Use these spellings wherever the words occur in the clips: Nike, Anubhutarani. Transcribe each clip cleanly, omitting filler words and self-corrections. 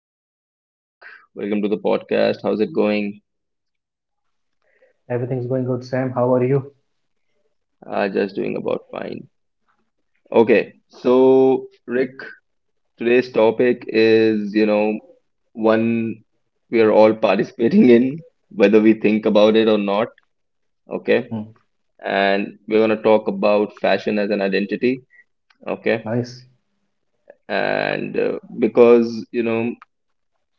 right, Rick. Welcome to the podcast. How's it going? Everything's going good, Sam. How are you? Just doing about fine. Okay, so Rick, today's topic is, one we are all participating in, whether we think about it or not. Okay, Hmm, and we're gonna talk about fashion as an identity. Okay, nice. and uh, because you know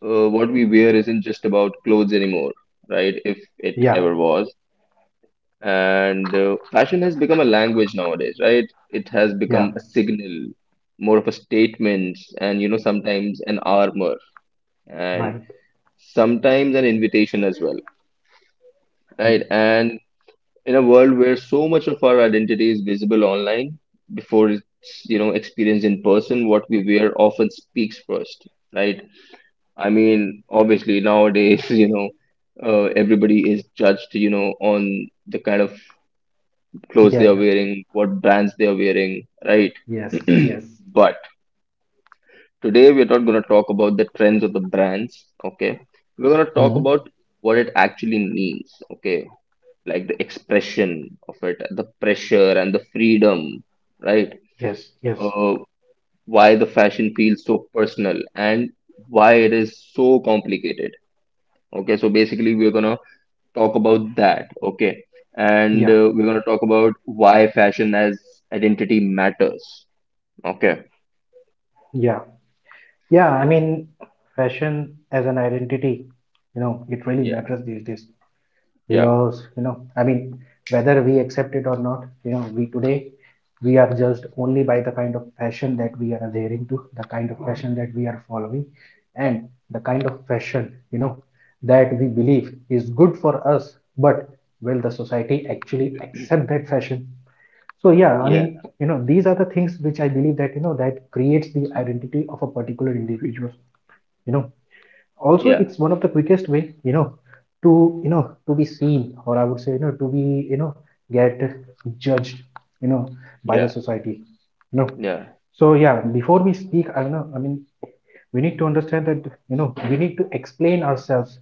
uh, what we wear isn't just about clothes anymore, right? If it Yeah, ever was. And fashion has become a language nowadays, right? It has yeah, become a signal, more of a statement, and you know, sometimes an armor, and right. sometimes an invitation as well, Hmm. right? And in a world where so much of our identity is visible online before it's, you know, experienced in person, what we wear often speaks first, right? I mean, obviously, nowadays, you know, everybody is judged, you know, on the kind of clothes they Yeah, are yeah. wearing, what brands they are wearing, right? Yes, yes. But today we're not going to talk about the trends of the brands, okay? We're going to talk Hmm. about what it actually means, okay? Like the expression of it, the pressure and the freedom, right? Yes, yes. Uh, why the fashion feels so personal and why it is so complicated, okay? So basically, we're going to talk about that, okay? And Yeah, uh, we're going to talk about why fashion as identity matters. Okay. yeah. Yeah, I mean, fashion as an identity, it really Yeah. matters these days. Yeah. Because I mean, whether we accept it or not, we today, we are judged only by the kind of fashion that we are adhering to, the kind of fashion that we are following, and the kind of fashion that we believe is good for us, but will the society actually accept that fashion? So yeah, I mean, Yeah. These are the things which I believe that that creates the identity of a particular individual. you know Also, Yeah. it's one of the quickest way, to to be seen, or I would say, to be, get judged, you know by the Yeah. society you know Yeah. so yeah, before we speak, I don't know, I mean, we need to understand that, we need to explain ourselves,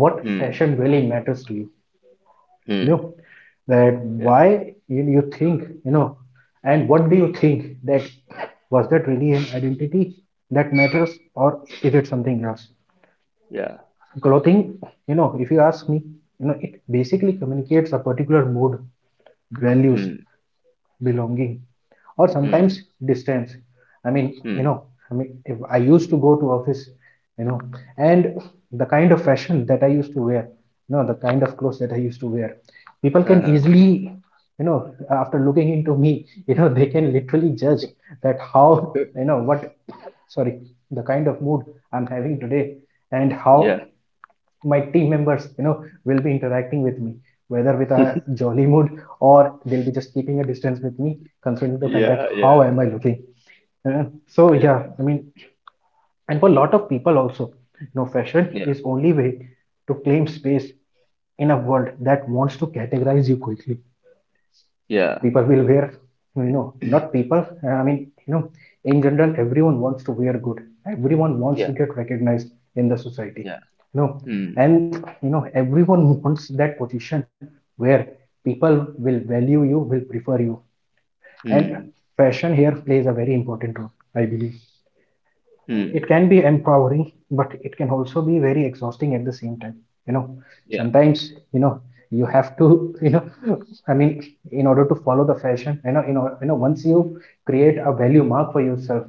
what Hmm. fashion really matters to you you Hmm. know That Yeah. why you think, and what do you think that, was that really an identity that matters, or is it something else? Yeah. Clothing, if you ask me, it basically communicates a particular mood, values, Hmm. belonging, or sometimes Hmm. distance. I mean, Hmm. If I used to go to office, you know and the kind of fashion that I used to wear, the kind of clothes that I used to wear, people can Uh-huh. easily, after looking into me, they can literally judge that how, what, sorry, the kind of mood I'm having today, and how Yeah. my team members, will be interacting with me, whether with a jolly mood, or they'll be just keeping a distance with me, considering the fact that Yeah. how Yeah. am I looking. Uh, so yeah, Yeah. I mean, and for a lot of people also, fashion Yeah. is only way to claim space in a world that wants to categorize you quickly. Yeah. People will wear, not people, I mean, you know in general, everyone wants to wear good, everyone wants to Yeah. get recognized in the society Yeah. you know Hmm. and everyone wants that position where people will value you, will prefer you, and Hmm. fashion here plays a very important role, I believe. It Hmm. can be empowering, but it can also be very exhausting at the same time you know Yeah. Sometimes, you have to, I mean, in order to follow the fashion, once you create a value mark for yourself,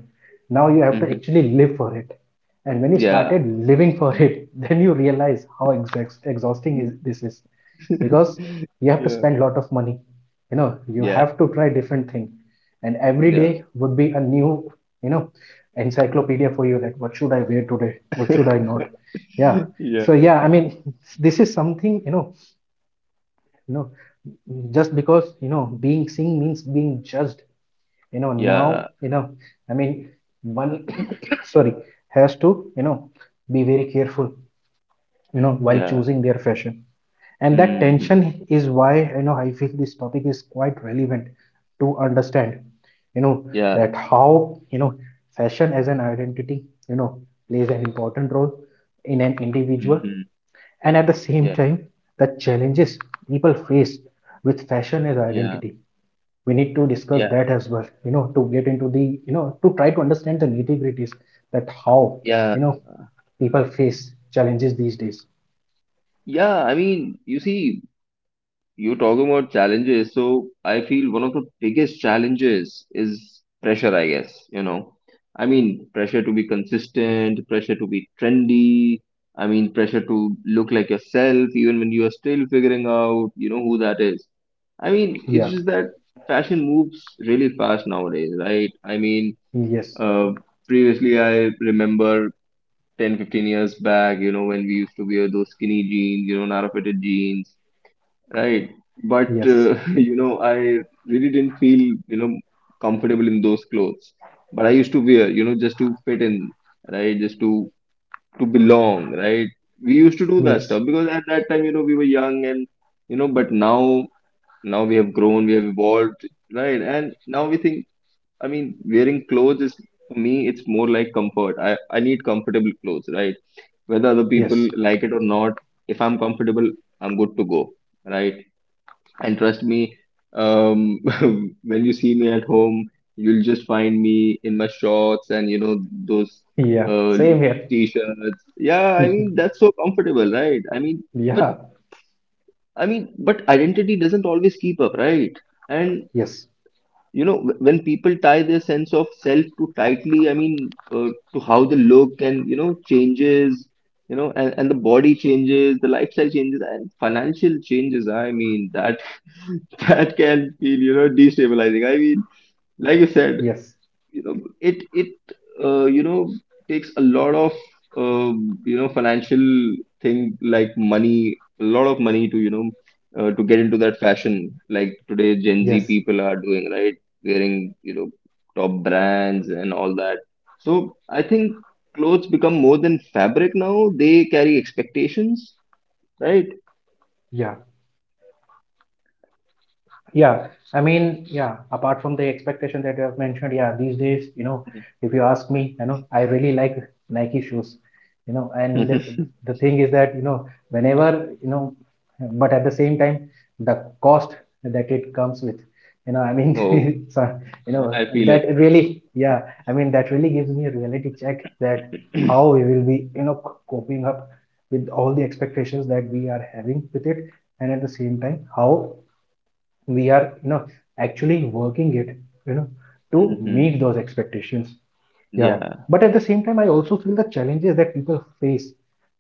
now you have to Mm-hmm. actually live for it. And when you Yeah. started living for it, then you realize how exhausting is, this is, because you have to Yeah. spend a lot of money, you Yeah. have to try different thing, and every Yeah. day would be a new, you know encyclopedia for you, that what should I wear today, what should I not? Yeah, Yeah. so yeah, I mean, this is something, you know just because being seen means being judged, now, Yeah. I mean, one, sorry, has to, be very careful, while Yeah. choosing their fashion. And that Mm-hmm. tension is why, I feel this topic is quite relevant to understand, you know Yeah. that how, fashion as an identity, you know plays an important role in an individual. Mm-hmm. And at the same Yeah. time, the challenges people face with fashion as Yeah. identity, we need to discuss Yeah. that as well, to get into the, to try to understand the nitty gritties, that how, Yeah. you know people face challenges these days. Yeah. I mean, you see. You're talking about challenges. So I feel one of the biggest challenges is pressure, I guess, you know. I mean, pressure to be consistent, pressure to be trendy. I mean, pressure to look like yourself, even when you are still figuring out, who that is. I mean, it's Yeah. just that fashion moves really fast nowadays, right? I mean, Yes. uh, previously I remember 10, 15 years back, you know, when we used to wear those skinny jeans, you know, narrow fitted jeans. Right. But Yes. You know, I really didn't feel, you know, comfortable in those clothes. But I used to wear, you know, just to fit in, right? Just to belong, right? We used to do that Yes. stuff because at that time, you know, we were young and you know, but now now we have grown, we have evolved, right? And now we think, I mean, wearing clothes is for me, it's more like comfort. I need comfortable clothes, right? Whether other people Yes. like it or not, if I'm comfortable, I'm good to go, right? And trust me, um when you see me at home, you'll just find me in my shorts and you know those Yeah. uh Same here. t-shirts, yeah, I mean that's so comfortable, right? I mean but Yeah. I mean but identity doesn't always keep up, right? And Yes. you know when people tie their sense of self too tightly, I mean, to how they look and you know changes, you know and the body changes, the lifestyle changes and financial changes, I mean that that can feel you know destabilizing, I mean like you said, Yes. you know it you know takes a lot of you know financial thing like money, a lot of money to you know to get into that fashion like today gen z Yes. people are doing, right? Wearing you know top brands and all that, so I think clothes become more than fabric now, they carry expectations, right? Yeah. Yeah, I mean, yeah, apart from the expectation that you have mentioned, yeah, these days, if you ask me, I really like Nike shoes, and the thing is that, but at the same time, the cost that it comes with, I Oh, mean, so, I feel it. that really, yeah, I mean, that really gives me a reality check that how we will be, coping up with all the expectations that we are having with it, and at the same time, how we are, actually working it, you know to meet Hmm. those expectations. Yeah. Yeah. But at the same time, I also feel the challenges that people face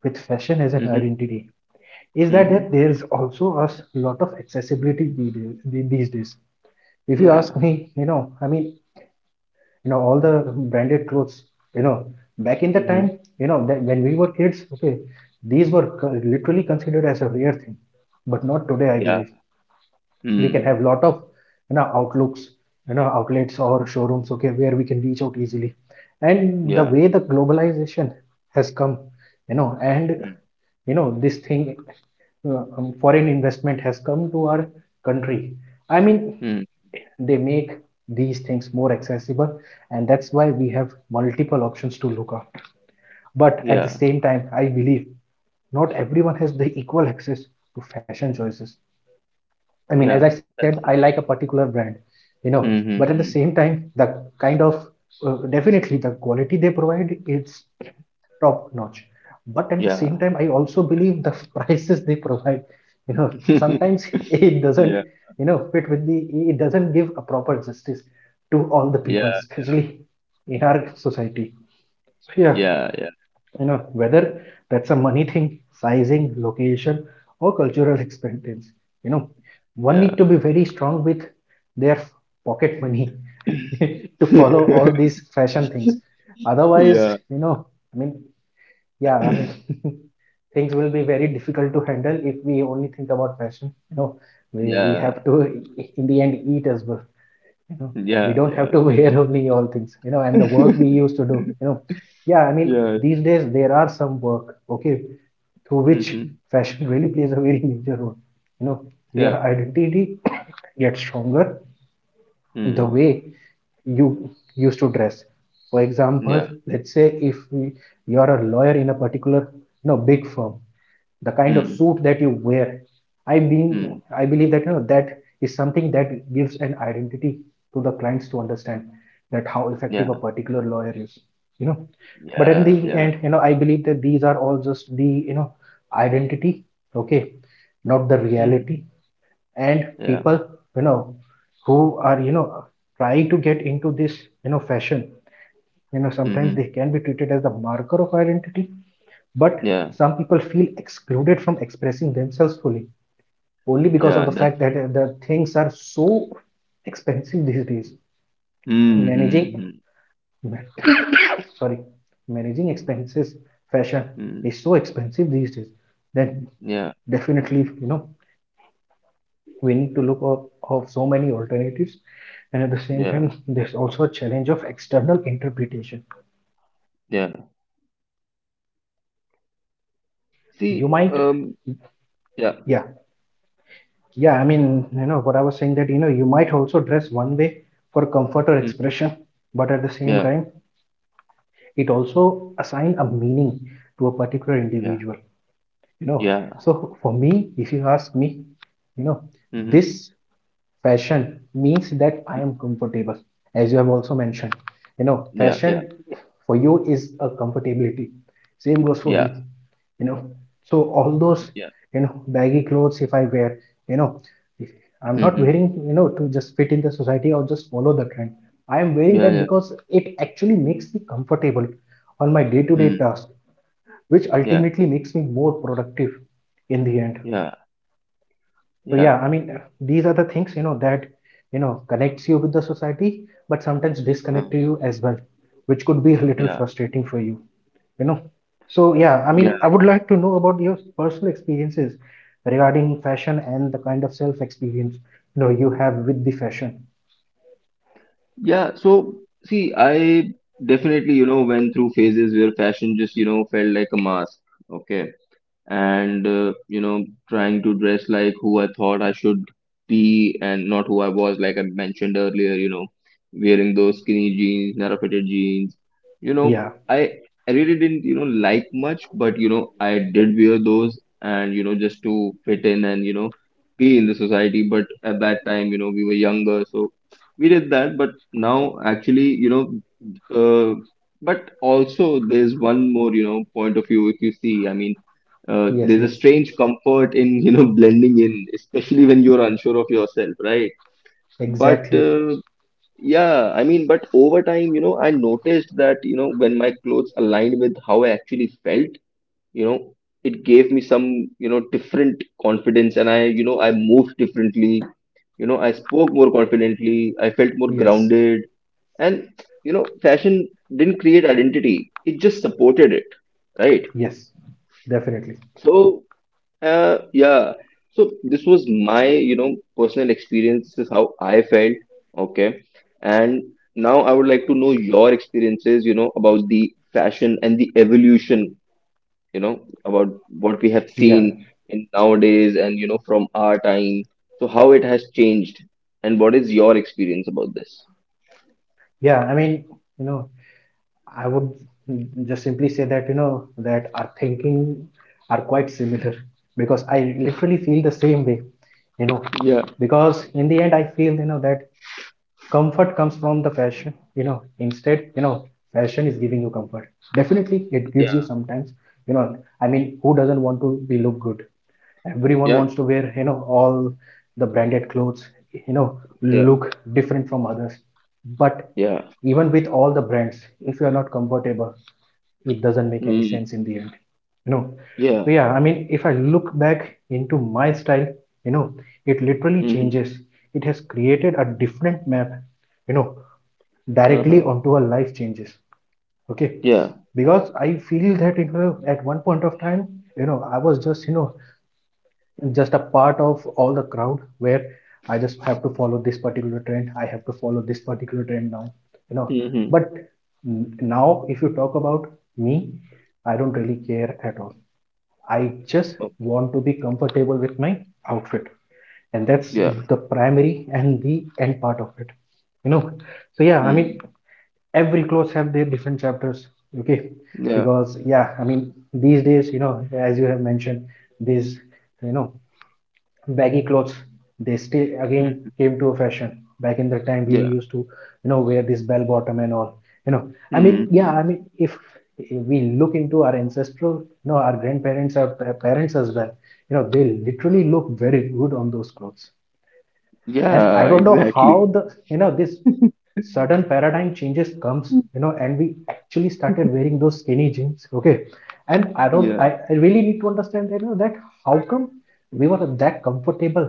with fashion as an Hmm. identity is that Hmm. there's also a lot of accessibility these days, if you ask Yeah. me, I mean, all the branded clothes, you know back in the time, Hmm. That when we were kids, okay, these were literally considered as a rare thing, but not today, I Yeah. believe. We can Mm, have lot of, outlooks, outlets or showrooms, okay, where we can reach out easily, and the yeah. way the globalization has come, and Mm, this thing, foreign investment has come to our country, I mean, mm, they make these things more accessible, and that's why we have multiple options to look up. But at the yeah. same time, I believe not everyone has the equal access to fashion choices. I mean, as I Yeah. said, I That's like a true. particular brand, but at the Mm-hmm. same time, the kind of, definitely the quality they provide it's top notch. But at the same Yeah. time, I also believe the prices they provide, sometimes it doesn't, Yeah. Fit with the, it doesn't give a proper justice to all the people, Yeah. especially in our society. So yeah, Yeah. Yeah. Whether that's a money thing, sizing, location, or cultural experience, you know one need to Yeah. be very strong with their pocket money, to follow all these fashion things, otherwise, Yeah. I mean, yeah, I mean, things will be very difficult to handle if we only think about fashion, we have Yeah. to, in the end, eat as well you know we Yeah. don't have to Yeah. wear only all things, and the work we used to do. Yeah, I mean, Yeah. these days there are some work, okay, through which Mm-hmm. fashion really plays a very major role, you know your Yeah. identity gets stronger, the Mm. way you used to dress, for example, Yeah. let's say if you're a lawyer in a particular, big firm, the kind of Mm. suit that you wear, i being Mm. I believe that, that is something that gives an identity to the clients to understand that how effective a Yeah. particular lawyer is you know but in the Yeah. Yeah. end, I believe that these are all just the, identity, okay, not the Mm. reality. And Yeah. people, you know who are, trying to get into this, fashion, sometimes they Mm-hmm. can be treated as the marker of identity, but Yeah. some people feel excluded from expressing themselves fully only because of Yeah. the That's fact that, true. The things are so expensive these days. Mm-hmm. Managing, Mm-hmm. sorry, managing expenses, fashion Mm. is so expensive these days that Yeah. definitely, we need to look up of so many alternatives. And at the same time, Yeah. there's also a challenge of external interpretation. Yeah. You See, might, yeah. yeah. Yeah, I mean, what I was saying that, you might also dress one way for comfort or Mm-hmm. expression, but at the same Yeah. time, it also assign a meaning to a particular Yeah. individual. Yeah. So for me, if you ask me, you know, Mhm. this fashion means that I Mm. am comfortable, as you have also mentioned, you know, Yeah, yeah, fashion for you is a comfortability. Same goes for me, yeah, you know. So all those, yeah. you know, baggy clothes if I wear, you know, I'm not wearing, Mhm. you know, to just fit in the society or just follow the trend. I am wearing Yeah, that yeah. because it actually makes me comfortable on my day-to-day Hmm. task, which Yeah, ultimately makes me more productive in the end. yeah, So yeah, yeah. I mean, these are the things, you know, that, you know, connects you with the society but sometimes Uh, disconnect you as well, which could be a little yeah, frustrating for you, you know. So yeah, I mean, yeah, I would like to know about your personal experiences regarding fashion and the kind of self experience, you know, you have with the fashion. yeah. So, see, I definitely, you know, went through phases where fashion just, you know, felt like a mask. Okay. And you know trying to dress like who I thought I should be and not who I was, like I mentioned earlier, you know, wearing those skinny jeans, narrow fitted jeans, you know. Yeah, I I really didn't you know like much, but you know I did wear those, and you know just to fit in and you know be in the society, but at that time you know we were younger, so we did that but now actually, you know, uh, but also there's one more you know point of view if you see, I mean, yes, there's a yes, strange comfort in you know blending in, especially when you're unsure of yourself, right? But exactly. Yeah I mean but over time you know I noticed that you know when my clothes aligned with how I actually felt, you know, it gave me some you know different confidence, and I you know I moved differently, you know I spoke more confidently, I felt more Yes, grounded, and you know fashion didn't create identity, it just supported it, right? yes, definitely. So yeah. So this was my, you know, personal experience. This is how I felt. Okay. And now I would like to know your experiences, you know, about the fashion and the evolution, you know, about what we have Yeah, seen in nowadays and, you know, from our time. So how it has changed and what is your experience about this? yeah, I mean, you know, I would just simply say that, you know, that our thinking are quite similar, because I literally feel the same way, you know, Yeah, because in the end I feel, you know, that comfort comes from the fashion, you know. Instead, you know, fashion is giving you comfort. Definitely, it gives yeah. you sometimes, you know. I mean, who doesn't want to be look good? Everyone wants Yeah. to wear, you know, all the branded clothes, you know, Yeah. look different from others. But Yeah. even with all the brands, if you are not comfortable, it doesn't make any Mm, sense in the end, you know. yeah. So yeah, I mean, if I look back into my style, you know, it literally Mm-hmm. changes. It has created a different map, you know, directly Uh-huh. onto our life changes. Okay, Yeah. because I feel that, you know, at one point of time, you know, I was just, you know, just a part of all the crowd where I just have to follow this particular trend. I have to follow this particular trend now, you know. Mm-hmm. But now, if you talk about me, I don't really care at all. I just want to be comfortable with my outfit, and that's Yeah. mm. the primary and the end part of it, you know. So yeah, I mean, Mm. every clothes have their different chapters, okay? Yeah. Because yeah, I mean, these days, you know, as you have mentioned, these, you know, baggy clothes, they still again came to a fashion. Back in the time we Yeah. used to, you know, wear this bell bottom and all, you know. I mean, yeah, Hmm. I mean, if we look into our ancestral, you know, our grandparents, our parents as well, you know, they literally look very good on those clothes. And I Yeah, don't know how exactly. the, you know, this sudden paradigm changes comes, Mm. you know, and we actually started wearing those skinny jeans, okay. And I don't Yeah. I really need to understand, you know, that how come we were that comfortable,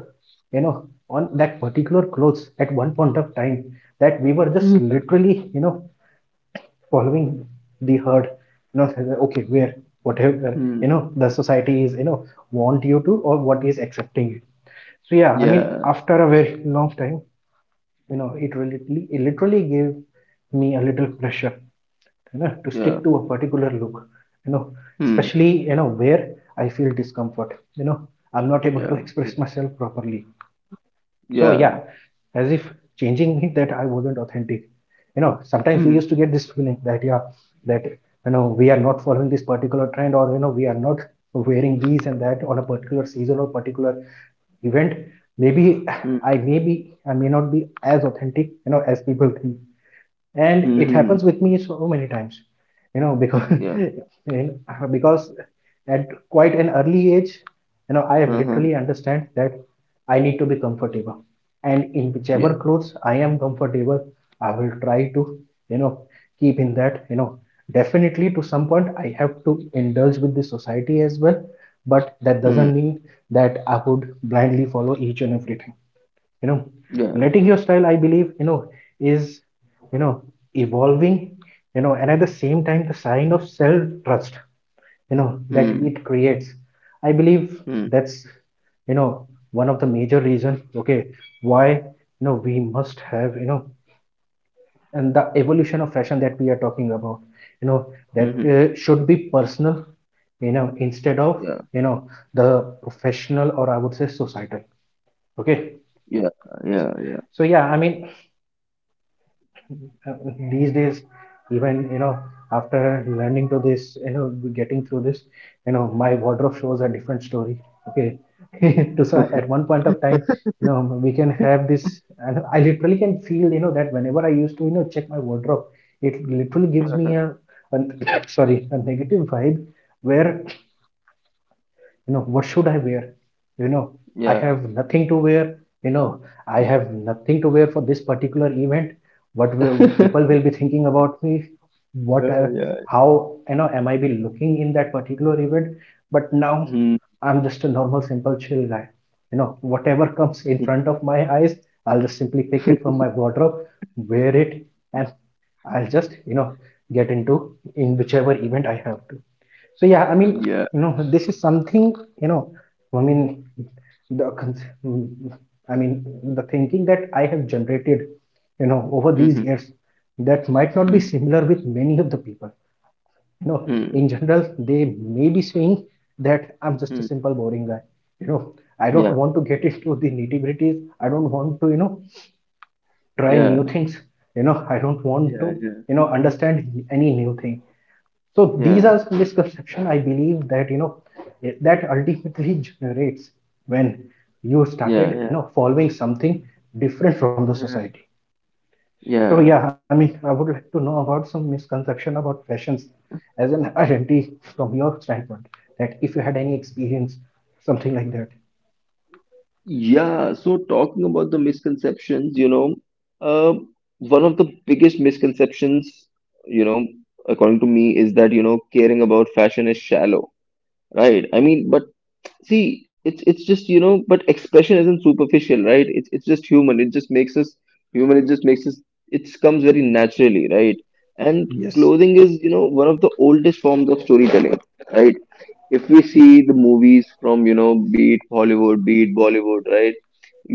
you know, on that particular clothes at one point of time, that we were just Hmm. literally, you know, following the herd, you know, okay, where whatever, Mm. you know, the society is, you know, want you to or what is accepting it. So yeah, I mean, Yeah. after a very long time, you know, it literally, it literally gave me a little pressure, you know, to Yeah. stick to a particular look, you know, Hmm. especially, you know, where I feel discomfort, you know, I'm not able to Yeah. express Yeah. myself properly. So yeah, Yeah. as if changing me, that I wasn't authentic, you know, sometimes we Hmm. used to get this feeling that yeah, that, you know, we are not following this particular trend, or, you know, we are not wearing these and that on a particular season or particular event. Maybe Hmm. I may be, I may not be as authentic, you know, as people think, and it Mm-hmm. happens with me so many times, you know, because Yeah. and, because at quite an early age, you know, I have Uh-huh. literally understand that I need to be comfortable, and in whichever Yeah. clothes I am comfortable, I will try to, you know, keep in that, you know. Definitely to some point I have to indulge with the society as well, but that Hmm. doesn't mean that I would blindly follow each and everything, you know. Yeah. Letting your style, I believe, you know, is, you know, evolving, you know, and at the same time the sign of self trust, you know, that Hmm. it creates, I believe, Hmm. that's, you know, one of the major reason, okay, why, you know, we must have, you know, and the evolution of fashion that we are talking about, you know, that Hmm. Should be personal, you know, instead of, Yeah. you know, the professional, or I would say societal, okay. Yeah. Yeah. Yeah. So yeah, I mean, uh, these days, even, you know, after learning to this, you know, getting through this, you know, my wardrobe shows a different story, okay. To so at one point of time, you know, we can have this, and I literally can feel, you know, that whenever I used to, you know, check my wardrobe, it literally gives me an sorry, a negative vibe, where, you know, what should I wear, you know, I Yeah. have nothing to wear, you know, I Yeah. have nothing to wear for this particular event. What will people will be thinking about me? What Yeah. Yeah. how, you know, am I be looking in that particular event? But now Hmm. I'm just a normal simple chill guy, you know, whatever comes in front of my eyes, I'll just simply pick it from my wardrobe, wear it, and I'll just, you know, get into in whichever event I have to. So yeah, I mean, Yeah. you know, this is something, you know, I mean, the mm, I mean, the thinking that I have generated, you know, over these Hmm. years, that might not Hmm. be Hmm. similar with many of the people. You know, Hmm. in general, they may be saying that I'm just a simple boring guy. You know, I don't Yeah. want to get into the nitty-gritties. I don't want to, you know, try new Yeah. things. You know, I don't want to, Yeah. you know, understand any new thing. So these Yeah. are misconception, I believe, that, you know, that ultimately generates when you started, Yeah. Yeah. you know, following something different from the Yeah. society. So yeah, Yeah. I mean, I would like to know about some misconception about fashions as an identity from your standpoint, that if you had any experience, something like that. Yeah, so talking about the misconceptions, you know, uh, one of the biggest misconceptions, you know, according to me, is that, you know, caring about fashion is shallow, right? I mean, but see, it's just, you know, but expression isn't superficial, right? It's just human. It just makes us human. It just makes us, it comes very naturally, right? And Yes. clothing is, you know, one of the oldest forms of storytelling, right? If we see the movies from you know be it Hollywood be it Bollywood, right?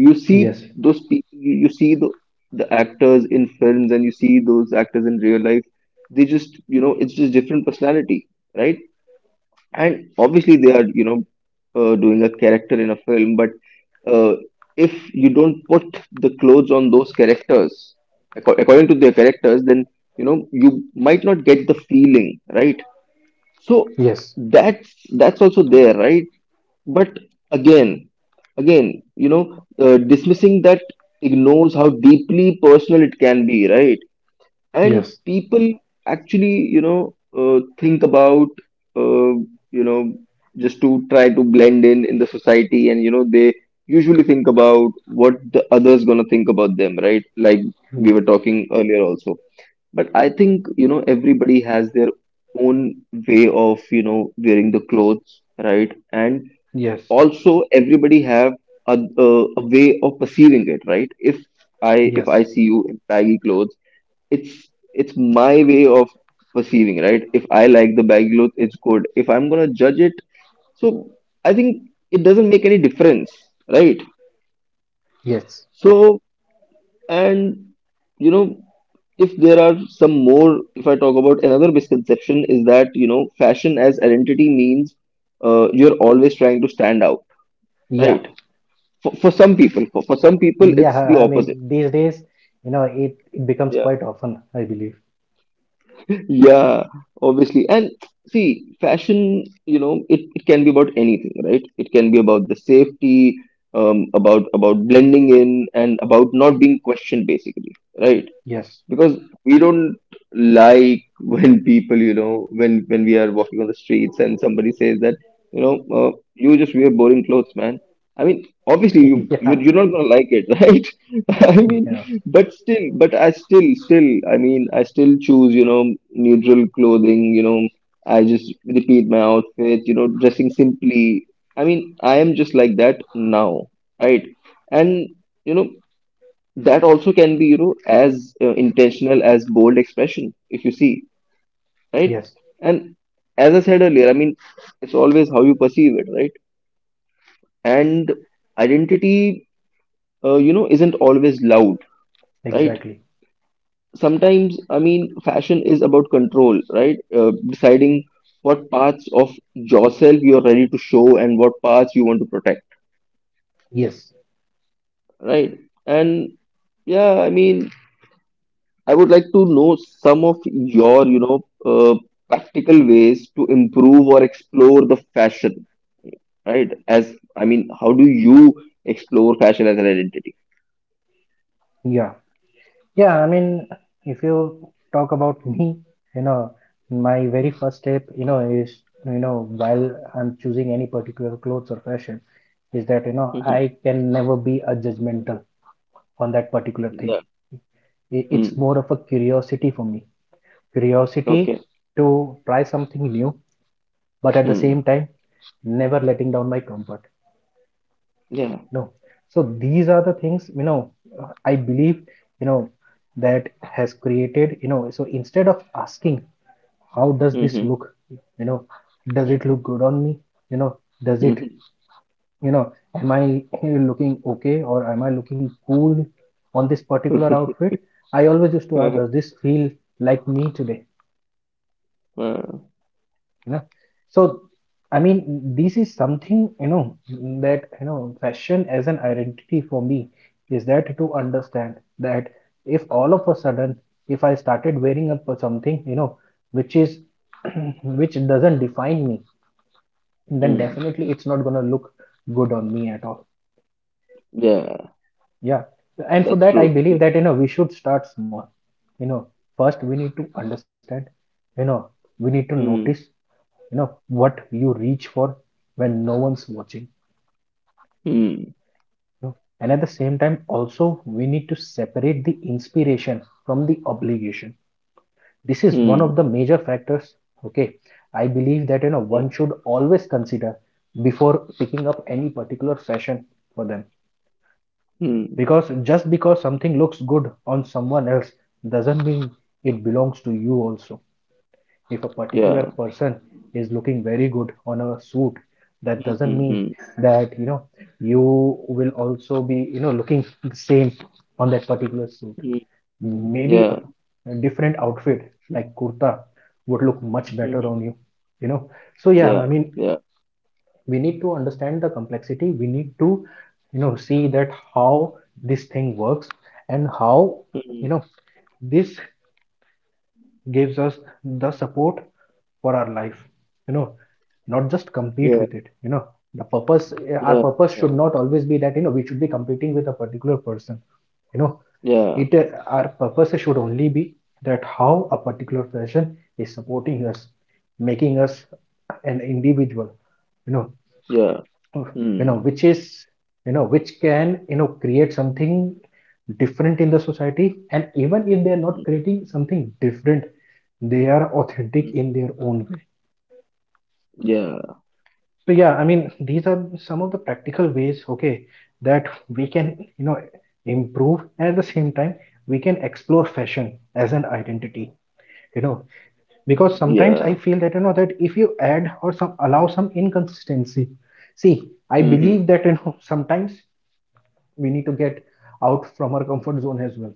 You see Yes. those people, you see the actors in films and you see those actors in real life, they just you know it's just different personality, right? And obviously they are you know doing a character in a film, but uh, if you don't put the clothes on those characters according to their characters, then you know you might not get the feeling, right? So Yes. That's also there, right? But again, again, you know, dismissing that ignores how deeply personal it can be, right? And Yes. people actually, you know, think about, uh, you know, just to try to blend in the society, and you know, they usually think about what the others gonna think about them, right? Like Mm. we were talking earlier also, but I think, you know, everybody has their own way of, you know, wearing the clothes, right? And Yes. also everybody have a, a, a way of perceiving it, right? If I if Yes. I see you in baggy clothes, it's it's my way of perceiving, right? If I like the baggy clothes, it's good. If I'm gonna judge it, so I think it doesn't make any difference, right? Yes. So And you know, if there are some more, if I talk about another misconception, is that you know, fashion as identity means you're always trying to stand out, Yeah. right? For some people, for some people, Yeah, it's the I mean, opposite. these days, you know, it becomes Yeah, quite often, I believe. yeah, obviously. And see, fashion, you know, it can be about anything, right? It can be about the safety, about blending in, and about not being questioned, basically, right? Yes. Because we don't like when people you know when we are walking on the streets and somebody says that you know you just wear boring clothes, man, I mean obviously Yeah. You're not gonna like it right I mean Yeah. but still but I still still I mean I still choose you know neutral clothing, you know I just repeat my outfit, you know dressing simply, I mean I am just like that now, right? And you know that also can be you know as intentional as bold expression if you see, right? Yes. And as I said earlier I mean it's always how you perceive it, right? And identity you know isn't always loud, right? Exactly. Sometimes I mean fashion is about control, right? Deciding what parts of yourself you are ready to show and what parts you want to protect, Yes. right? And yeah I mean I would like to know some of your, you know, uh, practical ways to improve or explore the fashion, right? As I mean, how do you explore fashion as an identity? Yeah. Yeah. I mean, if you talk about me, you know, my very first step, you know, is, you know, while I'm choosing any particular clothes or fashion, is that, you know, Mm-hmm. I can never be a judgmental on that particular thing. Yeah. It's Mm. more of a curiosity for me. Curiosity Okay. to try something new, but at the same Hmm. time, never letting down my comfort. Yeah. No. So these are the things, you know, I believe, you know, that has created, you know, so instead of asking, how does this Mm-hmm. look? You know, does it look good on me? You know, does it, you know, am I looking okay, or am I looking cool on this particular Mm-hmm. outfit? I always used to ask, does this feel like me today? Uh, You know, so I mean, this is something, you know, that, you know, fashion as an identity for me is that to understand that if all of a sudden, if I started wearing up for something, you know, which is which doesn't define me, then mm. definitely it's not going to look good on me at all. Yeah. Yeah. And for That's that I true. Yeah. believe that, you know, we should start small, you know. First we need to understand, you know, we need to notice, Mm. you know, what you reach for when no one's watching, Mm. you know. And at the same time also we need to separate the inspiration from the obligation. This is one of the Mm. major factors, okay, I believe, that, you know, Yeah. one should always consider before picking up any particular fashion for them, Mm. because just because something looks good on someone else doesn't mean it belongs to you also. If a particular Yeah. person is looking very good on a suit, that doesn't mean Mm-hmm. that, you know, you will also be, you know, looking the same on that particular suit. Yeah. Mm-hmm. Maybe Yeah. a different outfit like kurta would look much better Hmm. on you, you know. So yeah, Yeah. I mean, we need to understand the complexity, we need to, you know, see that how this thing works, and how, Mm. you know, this gives us the support for our life, you know, not just compete Yeah. with it, you know. The purpose, Hmm. our Yeah. purpose Yeah. should not always be that, you know, we should be competing with a particular person, you know, Yeah. it our purpose should only be that how a particular person is supporting us, making us an individual, you know, Yeah. you know, Mm. which is, you know, which can, you know, create something different in the society, and even if they are not creating something different, they are Mm. authentic in their own way. Yeah. So yeah, I mean, these are some of the practical ways, okay, that we can, you know, improve, and at the same time we can explore fashion as an identity, you know, because sometimes Yeah. I feel that, you know, that if you add or some allow some inconsistency, see, I Mm-hmm. believe that, you know, sometimes we need to get out from our comfort zone as well,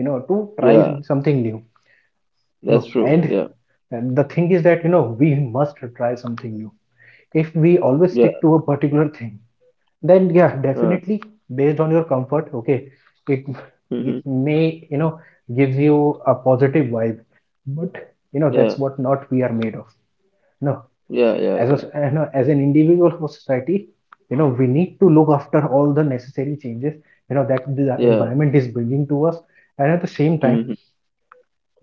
you know, to try Yeah. something new, you That's know, true. Yeah. and the thing is that, you know, we must try something new. If we always stick Yeah. to a particular thing, then yeah, Uh, definitely based on your comfort, okay, it it mm-hmm. may, you know, gives you a positive vibe, but you know Yeah. that's what not we are made of. No. Yeah. Yeah. As a, Yeah. you know, as an individual for society, you know, we need to look after all the necessary changes, you know, that the Yeah. environment is bringing to us. And at the same time, Mm-hmm.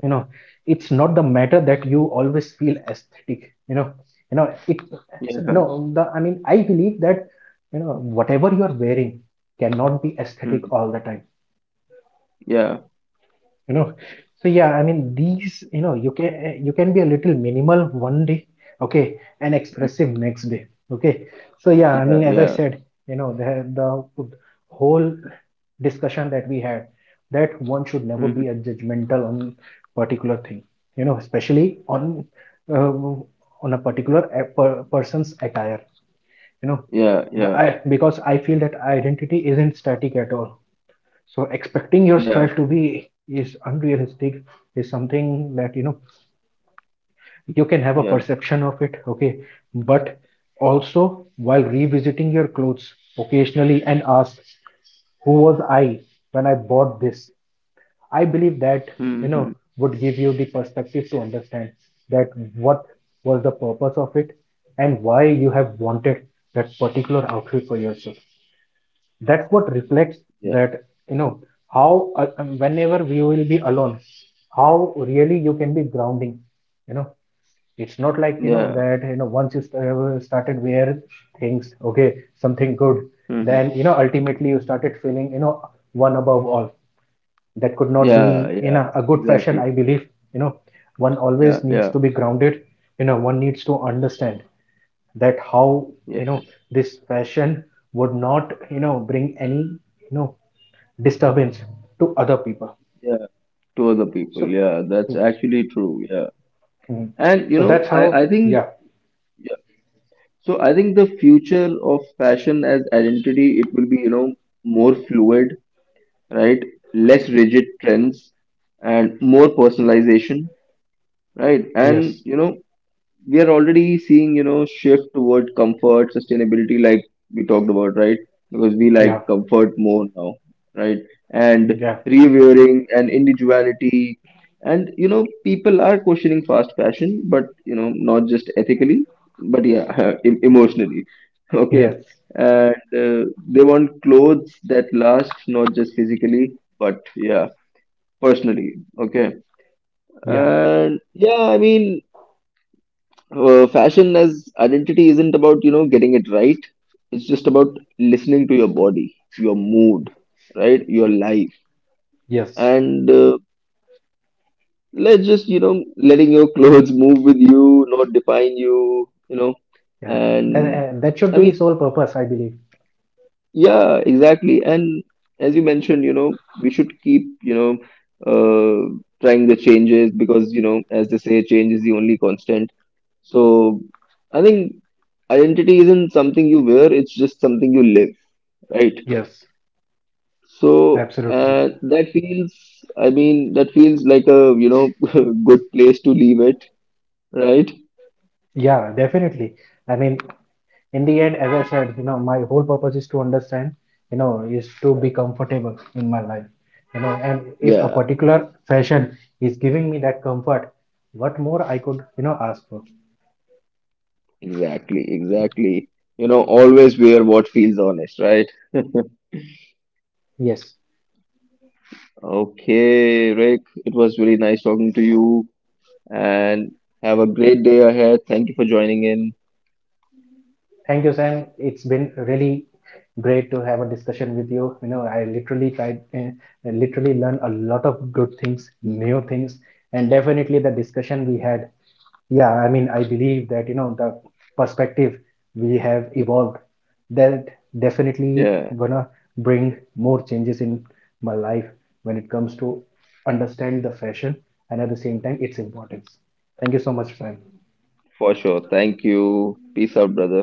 you know, it's not the matter that you always feel aesthetic, you know, you know it. So, you Yeah. know, the I mean I believe that, you know, whatever you are wearing cannot be aesthetic Mm. all the time, Yeah. you know. So yeah, I mean, these, you know, you can you can be a little minimal one day, okay, and Mm. expressive next day, okay. So yeah, I Yeah. mean, as I Yeah. said, you know, the whole discussion that we had, that one should never Mm-hmm. be a judgmental on particular thing, you know, especially uh, on a particular person's attire, you know. Yeah. Yeah. Because I feel that identity isn't static at all, so expecting your style Yeah. to be is unrealistic, is something that, you know, Yeah. you can have a perception of it, okay. But also while revisiting your clothes occasionally and ask, who was I when I bought this? I believe that, Mm-hmm. you know, would give you the perspective to understand that what was the purpose of it, and why you have wanted that particular outfit for yourself. That's what reflects Yeah. that, you know, how whenever we will be alone, how really you can be grounding, you know. It's not like, you know, Yeah. that, you know, once you started where things, okay, something good, Mm-hmm. then, you know, ultimately you started feeling, you know, one above all, that could not Yeah. be in Yeah. A good fashion, Exactly. I believe, you know. One Yeah. always needs Yeah. to be grounded, you know, one needs to Yeah. understand that how, Yeah. you know, this fashion would not, you know, bring any, you know, disturbance to other people. Yeah. To other people. So Yeah. That's actually true. Yeah. mm, And you so know, that's how, I think. yeah. So I think the future of fashion as identity, it will be, you know, more fluid, right? Less rigid trends and more personalization, right? And, Yes. you know, we are already seeing you know shift toward comfort sustainability like we talked about, right? Because we like Yeah. comfort more now, right? And Yeah. revering and individuality, and you know people are questioning fast fashion, but you know not just ethically but yeah emotionally, okay? Yes. And uh, they want clothes that last, not just physically but yeah personally, okay? Yeah. And yeah I mean fashion as identity isn't about you know getting it right, it's just about listening to your body, your mood, right, your life. Yes. And let's just you know letting your clothes move with you not define you, you know. Yeah, that, And that should I be the mean sole purpose, I believe. yeah exactly, and as you mentioned you know we should keep you know uh, trying the changes because you know as they say change is the only constant. So I think identity isn't something you wear, it's just something you live, right? Yes, So absolutely. That feels, I mean, that feels like a, you know, good place to leave it, right? Yeah, definitely. I mean, in the end, as I said, you know, my whole purpose is to understand, you know, is to be comfortable in my life, you know, and if a Yeah, particular fashion is giving me that comfort, what more I could, you know, ask for? exactly, exactly. You know, always wear what feels honest, right? Yes, Okay, Rick, it was really nice talking to you and have a great day ahead. Thank you for joining in. thank you, Sam. It's been really great to have a discussion with you, you know, I literally tried literally learned a lot of good things, new things, and definitely the discussion we had. Yeah, I mean, I believe that, you know, the perspective we have evolved, that definitely Yeah, gonna bring more changes in my life when it comes to understand the fashion and at the same time its importance. Thank you so much, Prem. for sure. Thank you. Peace out, brother.